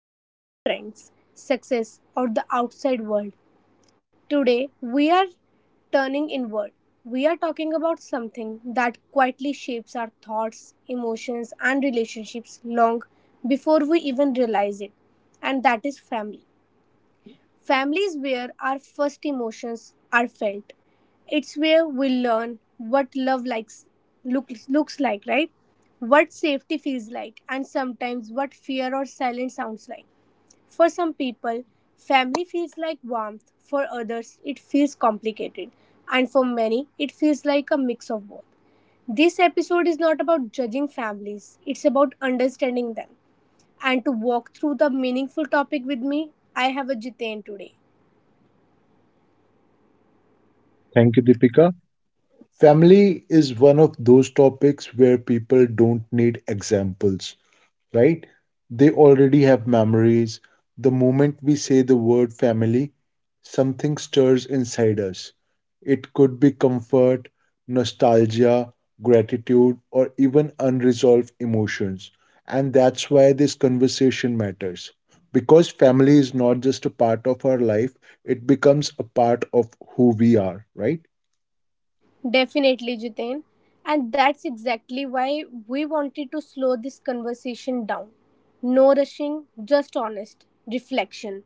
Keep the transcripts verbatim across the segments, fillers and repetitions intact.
is not about trends, success, or the outside world. Today, we are turning inward. We are talking about something that quietly shapes our thoughts, emotions, and relationships long before we even realize it, and that is family. Families where our first emotions are felt. It's where we learn what love likes looks looks like, right? What safety feels like and sometimes what fear or silence sounds like. For some people, family feels like warmth. For others, it feels complicated. And for many, it feels like a mix of both. This episode is not about judging families, it's about understanding them. And to walk through the meaningful topic with me, I have a Jitain today. Thank you, Deepika. Family is one of those topics where people don't need examples, right? They already have memories. The moment we say the word family, something stirs inside us. It could be comfort, nostalgia, gratitude, or even unresolved emotions. And that's why this conversation matters. Because family is not just a part of our life, it becomes a part of who we are, right? Definitely, Jitain. And that's exactly why we wanted to slow this conversation down. No rushing, just honest reflection,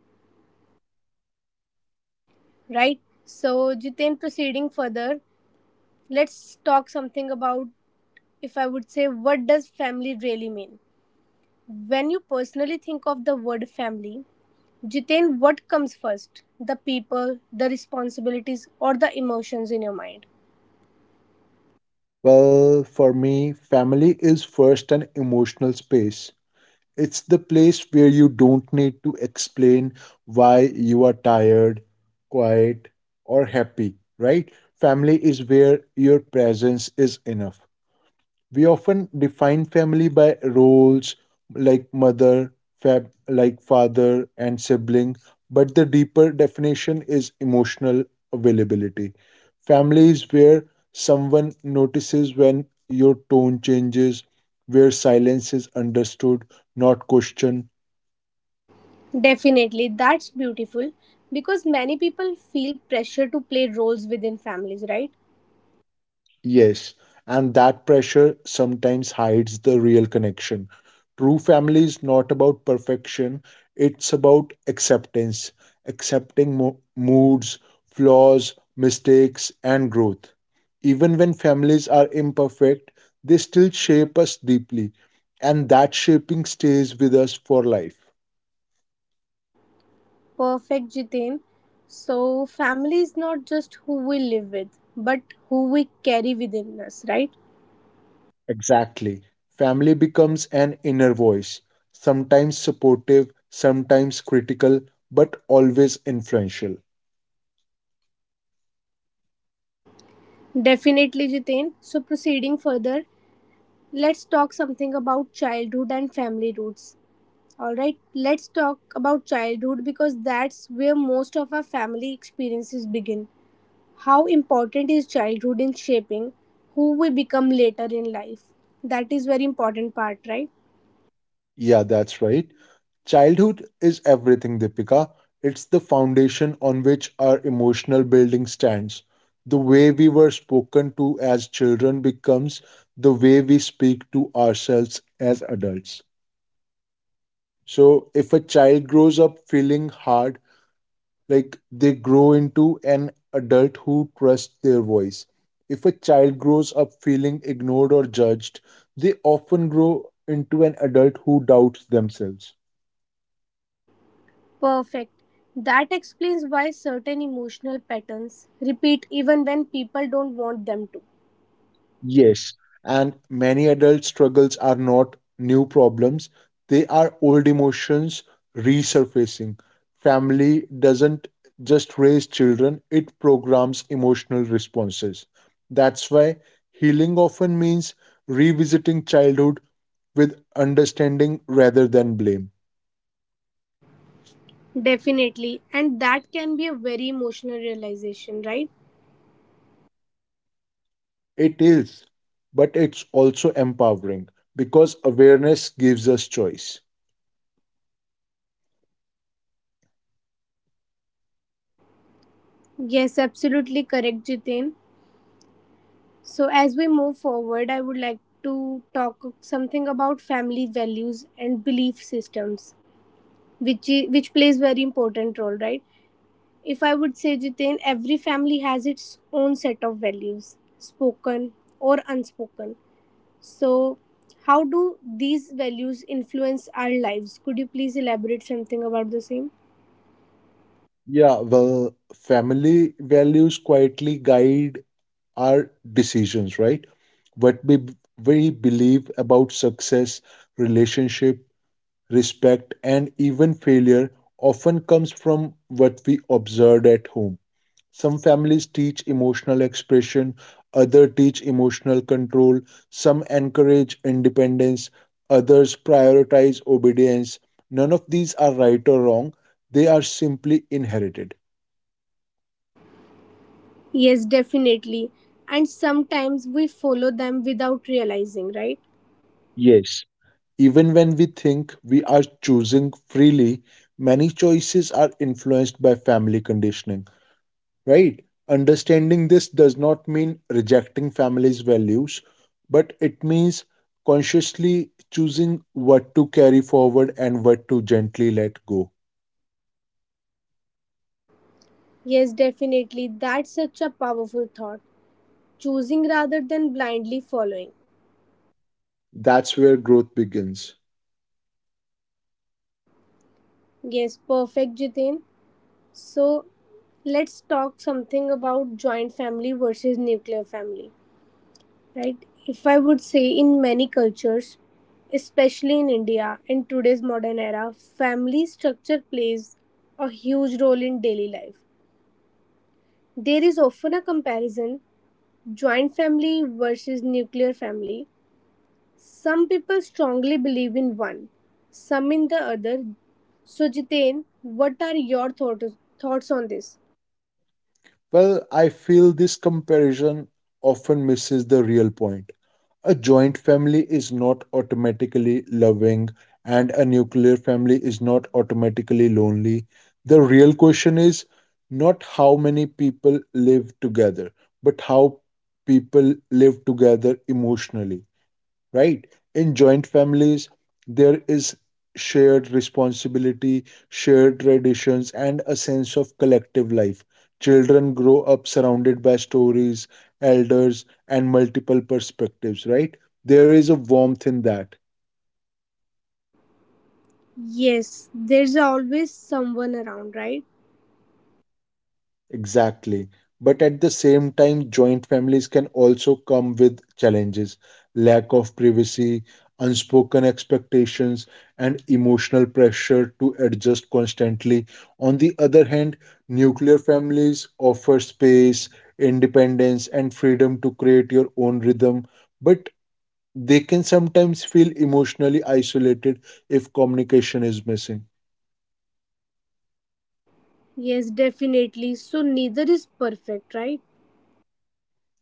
right? So, Jitain, proceeding further, let's talk something about if I would say, what does family really mean? When you personally think of the word family, Jitain, what comes first? The people, the responsibilities, or the emotions in your mind? Well, for me, family is first an emotional space. It's the place where you don't need to explain why you are tired, quiet, or happy, right? Family is where your presence is enough. We often define family by roles like mother, fab, like father and sibling, but the deeper definition is emotional availability. Family is where someone notices when your tone changes, where silence is understood, not questioned. Definitely, that's beautiful because many people feel pressure to play roles within families, right? Yes, and that pressure sometimes hides the real connection. True family is not about perfection, it's about acceptance, accepting mo- moods, flaws, mistakes, and growth. Even when families are imperfect, they still shape us deeply, and that shaping stays with us for life. Perfect, Jitin. So, family is not just who we live with, but who we carry within us, right? Exactly. Family becomes an inner voice, sometimes supportive, sometimes critical, but always influential. Definitely, Jitin. So, proceeding further, let's talk something about childhood and family roots. All right, let's talk about childhood because that's where most of our family experiences begin. How important is childhood in shaping who we become later in life? That is very important part, right? Yeah, that's right. Childhood is everything, Deepika. It's the foundation on which our emotional building stands. The way we were spoken to as children becomes the way we speak to ourselves as adults. So if a child grows up feeling hard, like they grow into an adult who trusts their voice. If a child grows up feeling ignored or judged, they often grow into an adult who doubts themselves. Perfect. That explains why certain emotional patterns repeat even when people don't want them to. Yes, and many adult struggles are not new problems, they are old emotions resurfacing. Family doesn't just raise children, it programs emotional responses. That's why healing often means revisiting childhood with understanding rather than blame. Definitely. And that can be a very emotional realization, right? It is, but it's also empowering because awareness gives us choice. Yes, absolutely correct, Jitin. So, as we move forward, I would like to talk something about family values and belief systems, which i- which plays very important role, right? If I would say, Jiten, every family has its own set of values, spoken or unspoken. So, how do these values influence our lives? Could you please elaborate something about the same? Yeah, well, family values quietly guide our decisions, right? What we, we believe about success, relationship, respect, and even failure often comes from what we observed at home. Some families teach emotional expression, others teach emotional control, some encourage independence, others prioritize obedience. None of these are right or wrong, they are simply inherited. Yes, definitely. And sometimes we follow them without realizing, right? Yes, even when we think we are choosing freely, many choices are influenced by family conditioning, right? Understanding this does not mean rejecting family's values, but it means consciously choosing what to carry forward and what to gently let go. Yes, definitely. That's such a powerful thought. Choosing rather than blindly following. That's where growth begins. Yes, perfect, Jiten. So, let's talk something about joint family versus nuclear family, right? If I would say, in many cultures, especially in India, in today's modern era, family structure plays a huge role in daily life. There is often a comparison, joint family versus nuclear family. Some people strongly believe in one, some in the other. So, Jitain, what are your thoughts thoughts on this? Well, I feel this comparison often misses the real point. A joint family is not automatically loving, and a nuclear family is not automatically lonely. The real question is not how many people live together, but how people live together emotionally, right? In joint families, there is shared responsibility, shared traditions, and a sense of collective life. Children grow up surrounded by stories, elders, and multiple perspectives, right? There is a warmth in that. Yes, there's always someone around, right? Exactly. But at the same time, joint families can also come with challenges: lack of privacy, unspoken expectations, and emotional pressure to adjust constantly. On the other hand, nuclear families offer space, independence, and freedom to create your own rhythm, but they can sometimes feel emotionally isolated if communication is missing. Yes, definitely. So neither is perfect, right?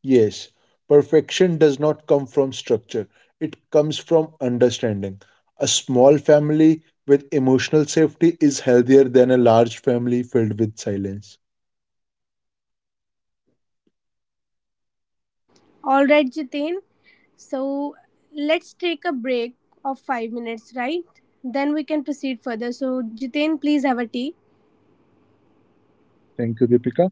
Yes, perfection does not come from structure, it comes from understanding. A small family with emotional safety is healthier than a large family filled with silence. All right, Jitin. So let's take a break of five minutes, right? Then we can proceed further. So Jitin, please have a tea. Thank you, Deepika.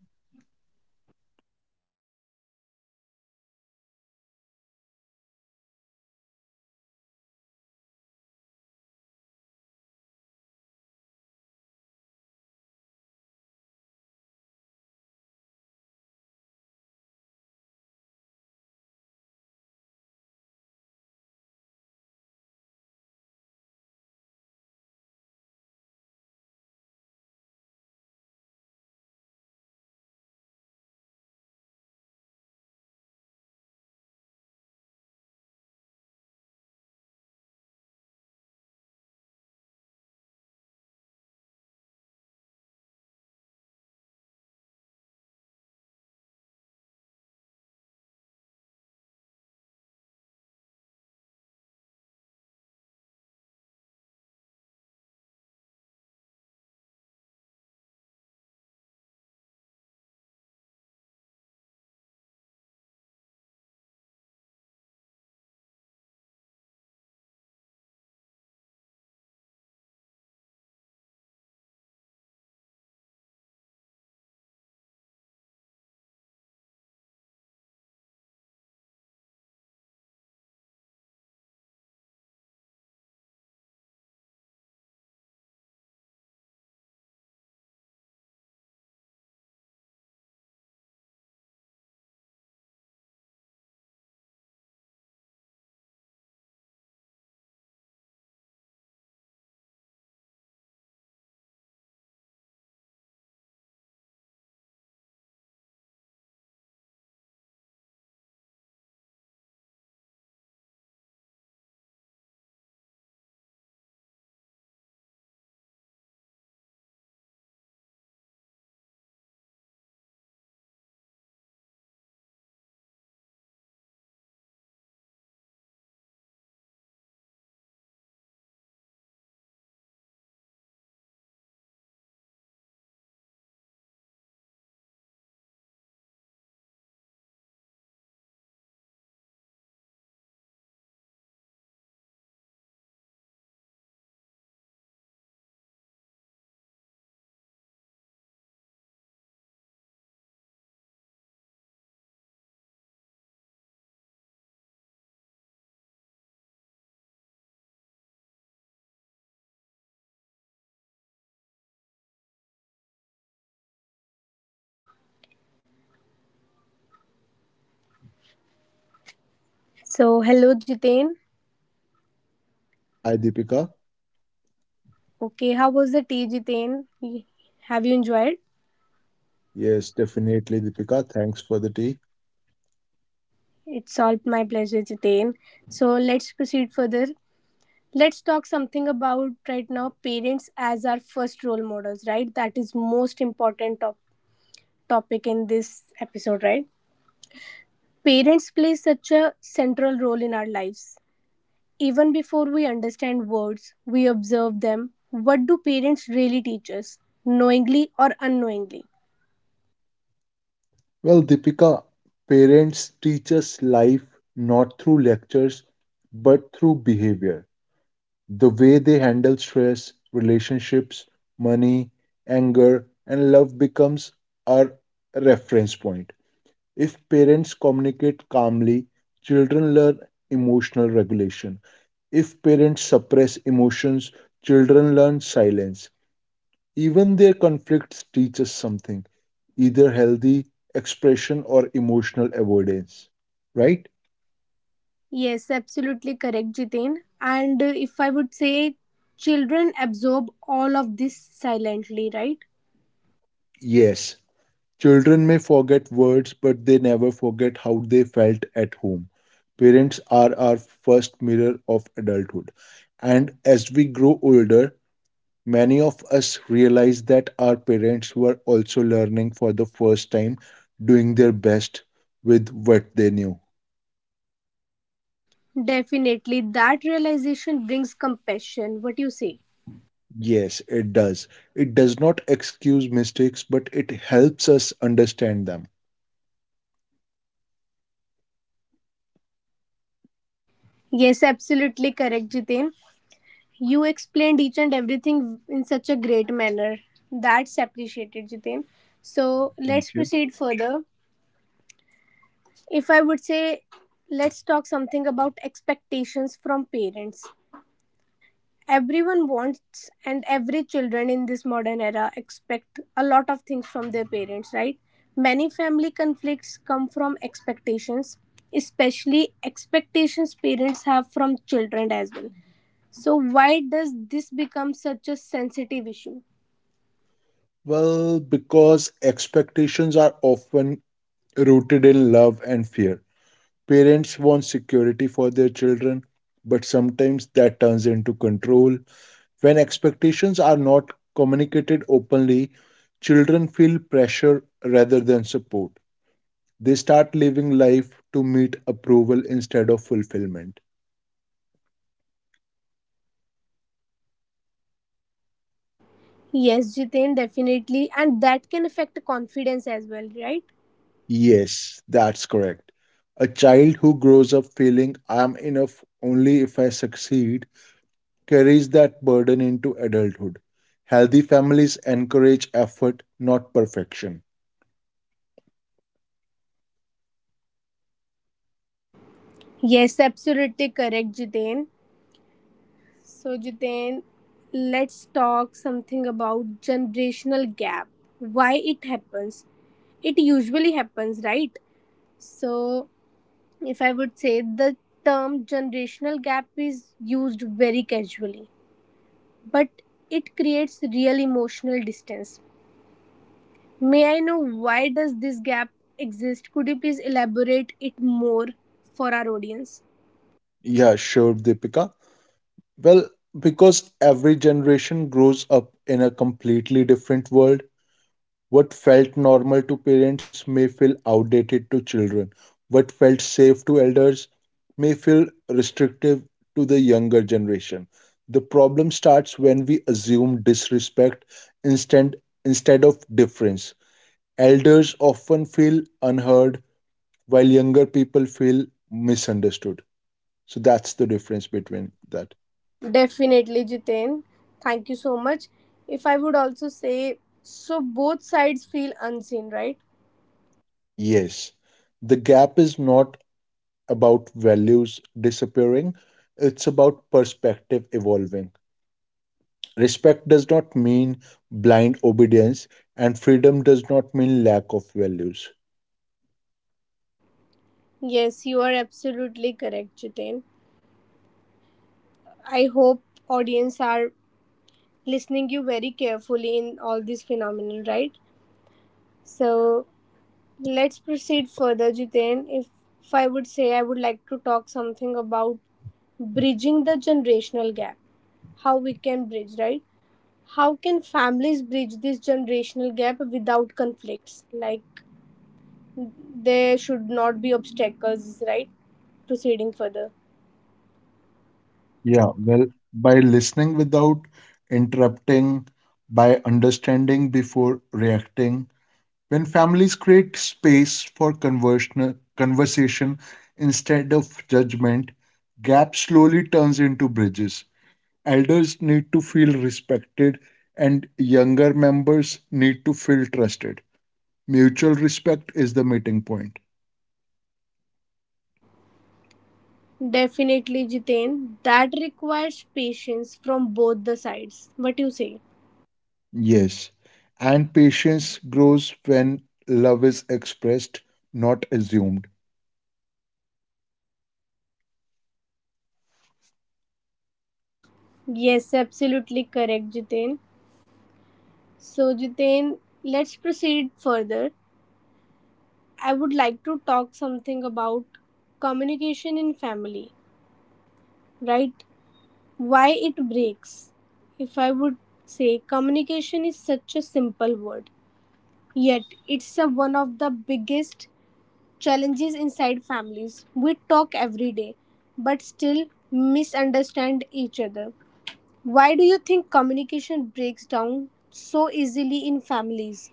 So hello, Jitin. Hi, Deepika. Okay, how was the tea, Jitin? Have you enjoyed? Yes, definitely, Deepika. Thanks for the tea. It's all my pleasure, Jitin. So let's proceed further. Let's talk something about right now parents as our first role models, right? That is most important top- topic in this episode, right? Parents play such a central role in our lives. Even before we understand words, we observe them. What do parents really teach us, knowingly or unknowingly? Well, Deepika, parents teach us life not through lectures, but through behavior. The way they handle stress, relationships, money, anger, and love becomes our reference point. If parents communicate calmly, children learn emotional regulation. If parents suppress emotions, children learn silence. Even their conflicts teach us something, either healthy expression or emotional avoidance. Right? Yes, absolutely correct, Jitin. And uh, if I would say, children absorb all of this silently, right? Yes. Children may forget words, but they never forget how they felt at home. Parents are our first mirror of adulthood. And as we grow older, many of us realize that our parents were also learning for the first time, doing their best with what they knew. Definitely, that realization brings compassion. What you say? Yes, it does. It does not excuse mistakes, but it helps us understand them. Yes, absolutely correct, Jitin. You explained each and everything in such a great manner. That's appreciated, Jitin. So Thank let's you. proceed further. If I would say, let's talk something about expectations from parents. Everyone wants, and every children in this modern era expect a lot of things from their parents, right? Many family conflicts come from expectations, especially expectations parents have from children as well. So why does this become such a sensitive issue? Well, because expectations are often rooted in love and fear. Parents want security for their children, but sometimes that turns into control. When expectations are not communicated openly, children feel pressure rather than support. They start living life to meet approval instead of fulfillment. Yes, Jitain, definitely. And that can affect confidence as well, right? Yes, that's correct. A child who grows up feeling I am enough only if I succeed carries that burden into adulthood. Healthy families encourage effort, not perfection. Yes, absolutely correct, Jitain. So, Jiten, let's talk something about generational gap. Why it happens? It usually happens, right? So, if I would say, the term generational gap is used very casually, but it creates real emotional distance. May I know why does this gap exist? Could you please elaborate it more for our audience? Yeah, sure, Deepika. Well, because every generation grows up in a completely different world, what felt normal to parents may feel outdated to children. What felt safe to elders may feel restrictive to the younger generation. The problem starts when we assume disrespect instead, instead of difference. Elders often feel unheard, while younger people feel misunderstood. So that's the difference between that. Definitely, Jitain. Thank you so much. If I would also say, so both sides feel unseen, right? Yes, the gap is not about values disappearing, it's about perspective evolving. Respect does not mean blind obedience, and freedom does not mean lack of values. Yes, you are absolutely correct, Jitain. I hope audience are listening you very carefully in all this phenomenon, right? So let's proceed further, Jitain. If if I would say, I would like to talk something about bridging the generational gap. How we can bridge, right? How can families bridge this generational gap without conflicts? Like, there should not be obstacles, right? Proceeding further. Yeah, well, by listening without interrupting, by understanding before reacting, when families create space for conversion, conversation instead of judgment, gap slowly turns into bridges. Elders need to feel respected, and younger members need to feel trusted. Mutual respect is the meeting point. Definitely, Jiten. That requires patience from both the sides. What you say? Yes, and patience grows when love is expressed, not assumed. Yes, absolutely correct, Jiten. So, Jiten, let's proceed further. I would like to talk something about communication in family, right? Why it breaks. If I would say, communication is such a simple word, yet it's a, one of the biggest challenges inside families. We talk every day, but still misunderstand each other. Why do you think communication breaks down so easily in families?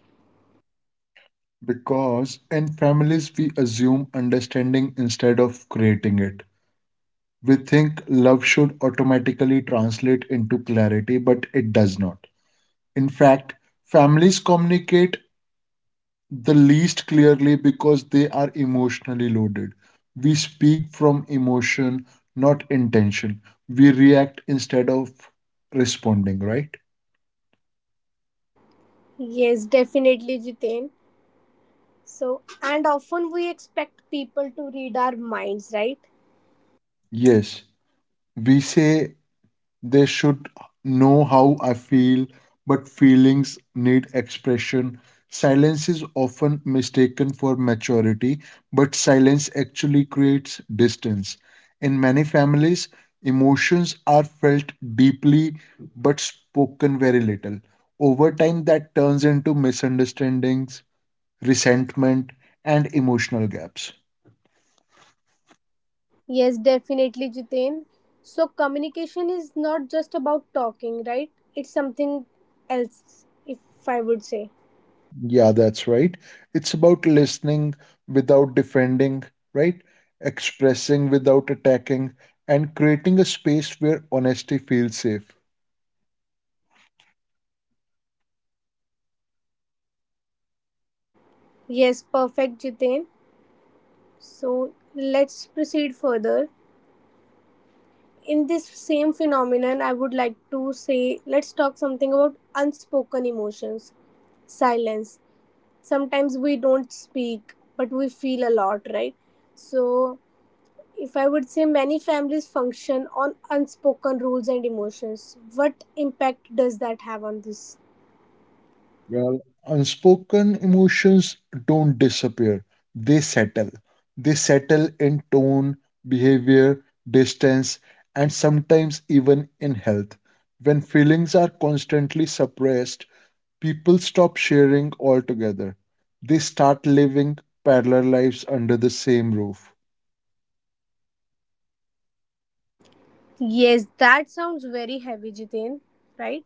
Because in families, we assume understanding instead of creating it. We think love should automatically translate into clarity, but it does not. In fact, families communicate the least clearly because they are emotionally loaded. We speak from emotion, not intention. We react instead of responding, right? Yes, definitely, Jitain. So, and often we expect people to read our minds, right? Yes. We say they should know how I feel, but feelings need expression. Silence is often mistaken for maturity, but silence actually creates distance. In many families, emotions are felt deeply but spoken very little. Over time, that turns into misunderstandings, resentment, and emotional gaps. Yes, definitely, Jitain. So, communication is not just about talking, right? It's something else, if I would say. Yeah, that's right. It's about listening without defending, right? Expressing without attacking, and creating a space where honesty feels safe. Yes, perfect, Jitain. So let's proceed further. In this same phenomenon, I would like to say let's talk something about unspoken emotions, silence. Sometimes we don't speak, but we feel a lot, right? So, if I would say, many families function on unspoken rules and emotions. What impact does that have on this? Well, unspoken emotions don't disappear, they settle. They settle in tone, behavior, distance, and sometimes even in health. When feelings are constantly suppressed, people stop sharing altogether. They start living parallel lives under the same roof. Yes, that sounds very heavy, Jiten, right?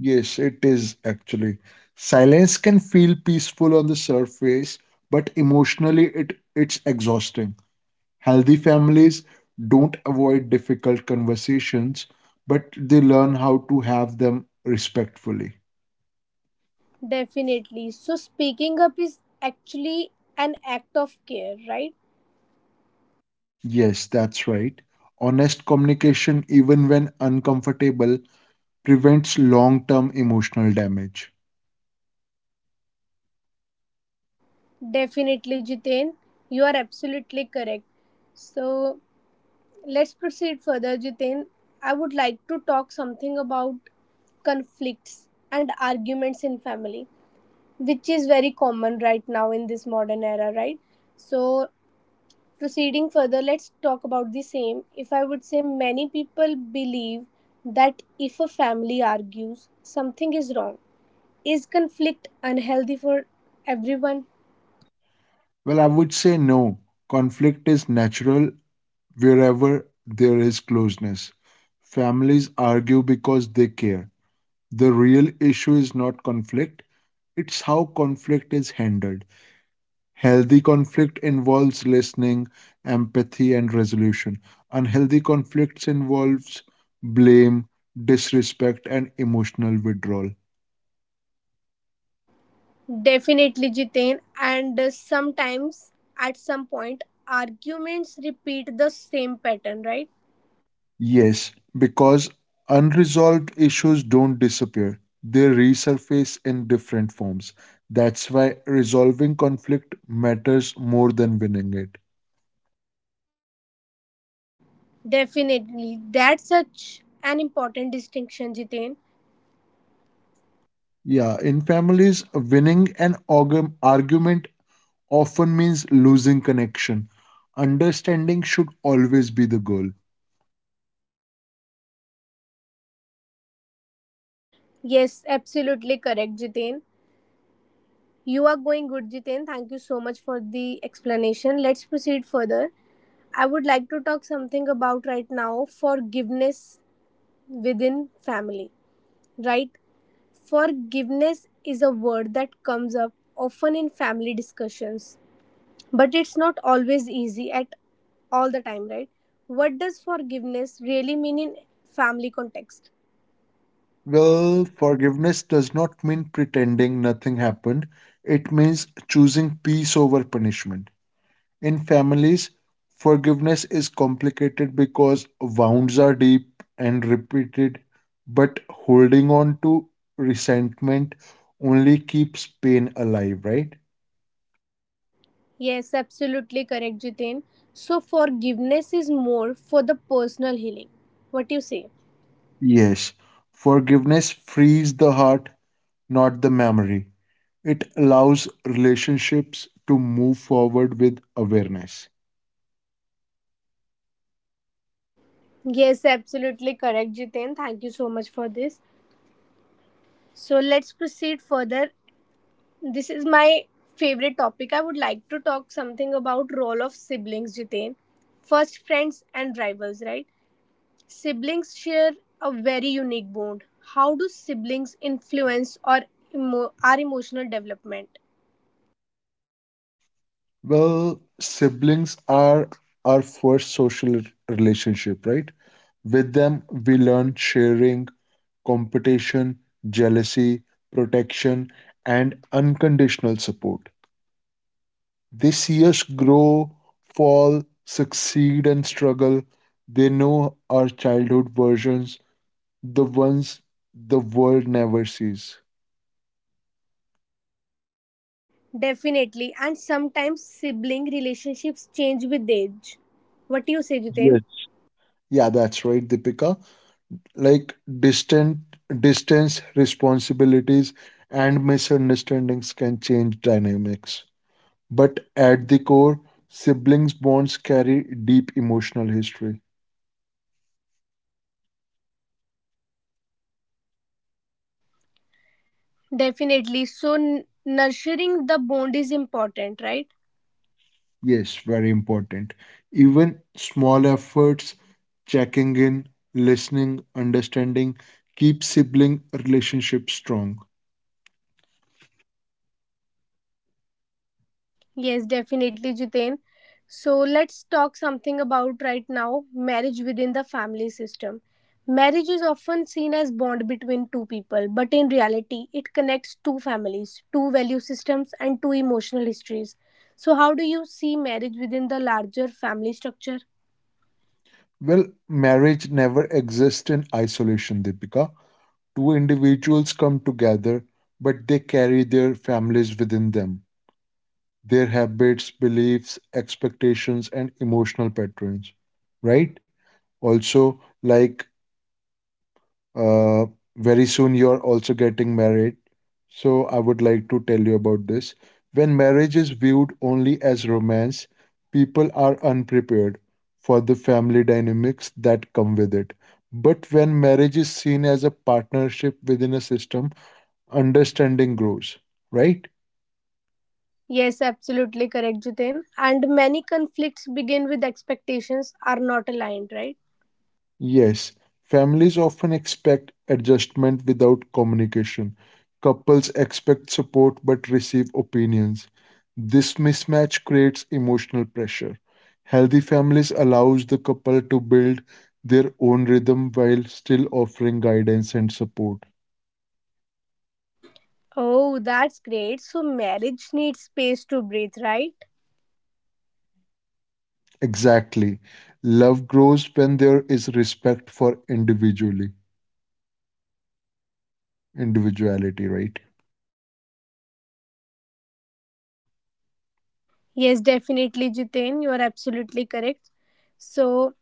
Yes, it is actually. Silence can feel peaceful on the surface, but emotionally it, it's exhausting. Healthy families don't avoid difficult conversations, but they learn how to have them respectfully. Definitely. So, speaking up is actually an act of care, right? Yes, that's right. Honest communication, even when uncomfortable, prevents long term emotional damage. Definitely, Jitain. You are absolutely correct. So let's proceed further, Jitain. I would like to talk something about conflicts and arguments in family, which is very common right now in this modern era, right? So proceeding further, let's talk about the same. If I would say, many people believe that if a family argues, something is wrong. Is conflict unhealthy for everyone? Well, I would say no. Conflict is natural wherever there is closeness. Families argue because they care. The real issue is not conflict, it's how conflict is handled. Healthy conflict involves listening, empathy, and resolution. Unhealthy conflicts involves blame, disrespect, and emotional withdrawal. Definitely, Jiten. And uh, sometimes, at some point, arguments repeat the same pattern, right? Yes, because unresolved issues don't disappear, they resurface in different forms. That's why resolving conflict matters more than winning it. Definitely. That's such an important distinction, Jiten. Yeah, in families, winning an argu- argument often means losing connection. Understanding should always be the goal. Yes, absolutely correct, Jiten. You are going good, Jiten. Thank you so much for the explanation. Let's proceed further. I would like to talk something about right now forgiveness within family, right? Forgiveness is a word that comes up often in family discussions, but it's not always easy at all the time, right? What does forgiveness really mean in family context? Well, forgiveness does not mean pretending nothing happened, it means choosing peace over punishment. In families, forgiveness is complicated because wounds are deep and repeated, but holding on to resentment only keeps pain alive, right? Yes, absolutely correct, Jitin. So forgiveness is more for the personal healing. What you say? Yes. Forgiveness frees the heart, not the memory. It allows relationships to move forward with awareness. Yes, absolutely correct, Jitin. Thank you so much for this. So let's proceed further. This is my favorite topic. I would like to talk something about role of siblings, Jitin. First friends and rivals, right? Siblings share a very unique bond. How do siblings influence or emo- our emotional development? Well, siblings are our first social r- relationship, right? With them, we learn sharing, competition, jealousy, protection, and unconditional support. They see us grow, fall, succeed, and struggle. They know our childhood versions, the ones the world never sees. Definitely, and sometimes sibling relationships change with age. What do you say, Jitain? Yes. Yeah, that's right, Deepika. Like distant distance, responsibilities, and misunderstandings can change dynamics, but at the core, siblings bonds carry deep emotional history. Definitely. So, n- nurturing the bond is important, right? Yes, very important. Even small efforts, checking in, listening, understanding, keep sibling relationships strong. Yes, definitely, Jiten. So let's talk something about right now marriage within the family system. Marriage is often seen as bond between two people, but in reality, it connects two families, two value systems, and two emotional histories. So, how do you see marriage within the larger family structure? Well, marriage never exists in isolation, Deepika. Two individuals come together, but they carry their families within them, their habits, beliefs, expectations, and emotional patterns, right? Also, like uh, very soon you're also getting married. So, I would like to tell you about this. When marriage is viewed only as romance, people are unprepared for the family dynamics that come with it. But when marriage is seen as a partnership within a system, understanding grows, right? Yes, absolutely correct, Jiten. And many conflicts begin with expectations are not aligned, right? Yes, families often expect adjustment without communication. Couples expect support but receive opinions. This mismatch creates emotional pressure. Healthy families allows the couple to build their own rhythm while still offering guidance and support. Oh, that's great. So, marriage needs space to breathe, right? Exactly. Love grows when there is respect for individually individuality, right? Yes, definitely, Jiten. You are absolutely correct. So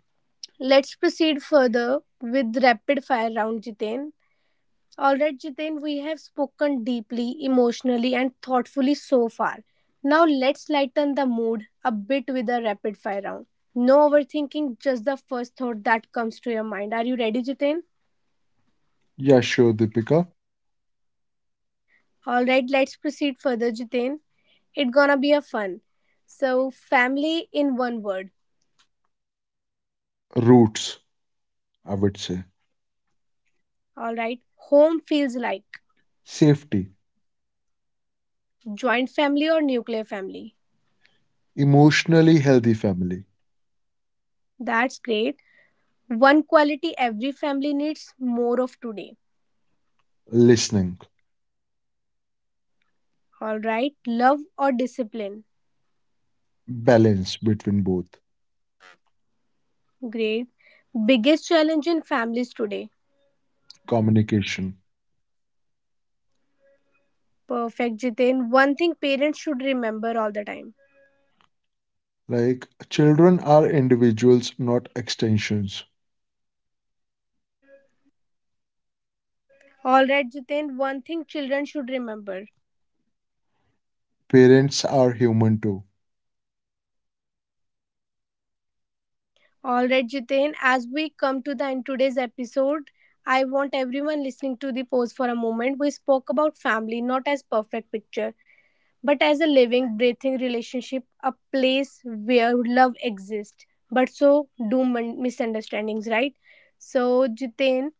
let's proceed further with rapid fire round, Jiten. All right, Jiten, we have spoken deeply, emotionally, and thoughtfully so far. Now let's lighten the mood a bit with a rapid fire round. No overthinking, just the first thought that comes to your mind. Are you ready, Jiten? Yeah, sure, Deepika. All right, let's proceed further, Jiten. It's gonna be a fun. So, family in one word. Roots. I would say. All right, home feels like. Safety, Joint family or nuclear family? emotionally healthy family, That's great. One quality every family needs more of today. listening, All right. Love or discipline? balance between both, Great. Biggest challenge in families today? communication. Perfect, Jitin. One thing parents should remember all the time. Like children are individuals, not extensions. All right, Jitin. One thing children should remember. Parents are human too. All right, Jitin. As we come to the end today's episode, I want everyone listening to the pause for a moment. We spoke about family not as perfect picture, but as a living, breathing relationship, a place where love exists, but so do mon- misunderstandings, right? So, Jitain,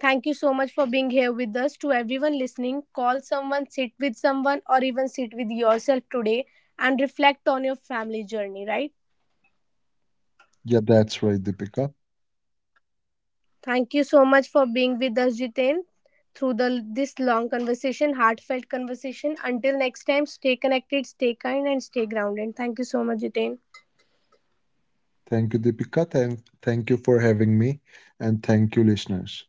thank you so much for being here with us. To everyone listening, call someone, sit with someone, or even sit with yourself today and reflect on your family journey, right? Yeah, that's right, Deepika. Thank you so much for being with us, Jitain, through the this long conversation, heartfelt conversation. Until next time, stay connected, stay kind, and stay grounded. Thank you so much, Jitain. Thank you, Deepika. Thank, thank you for having me. And thank you, listeners.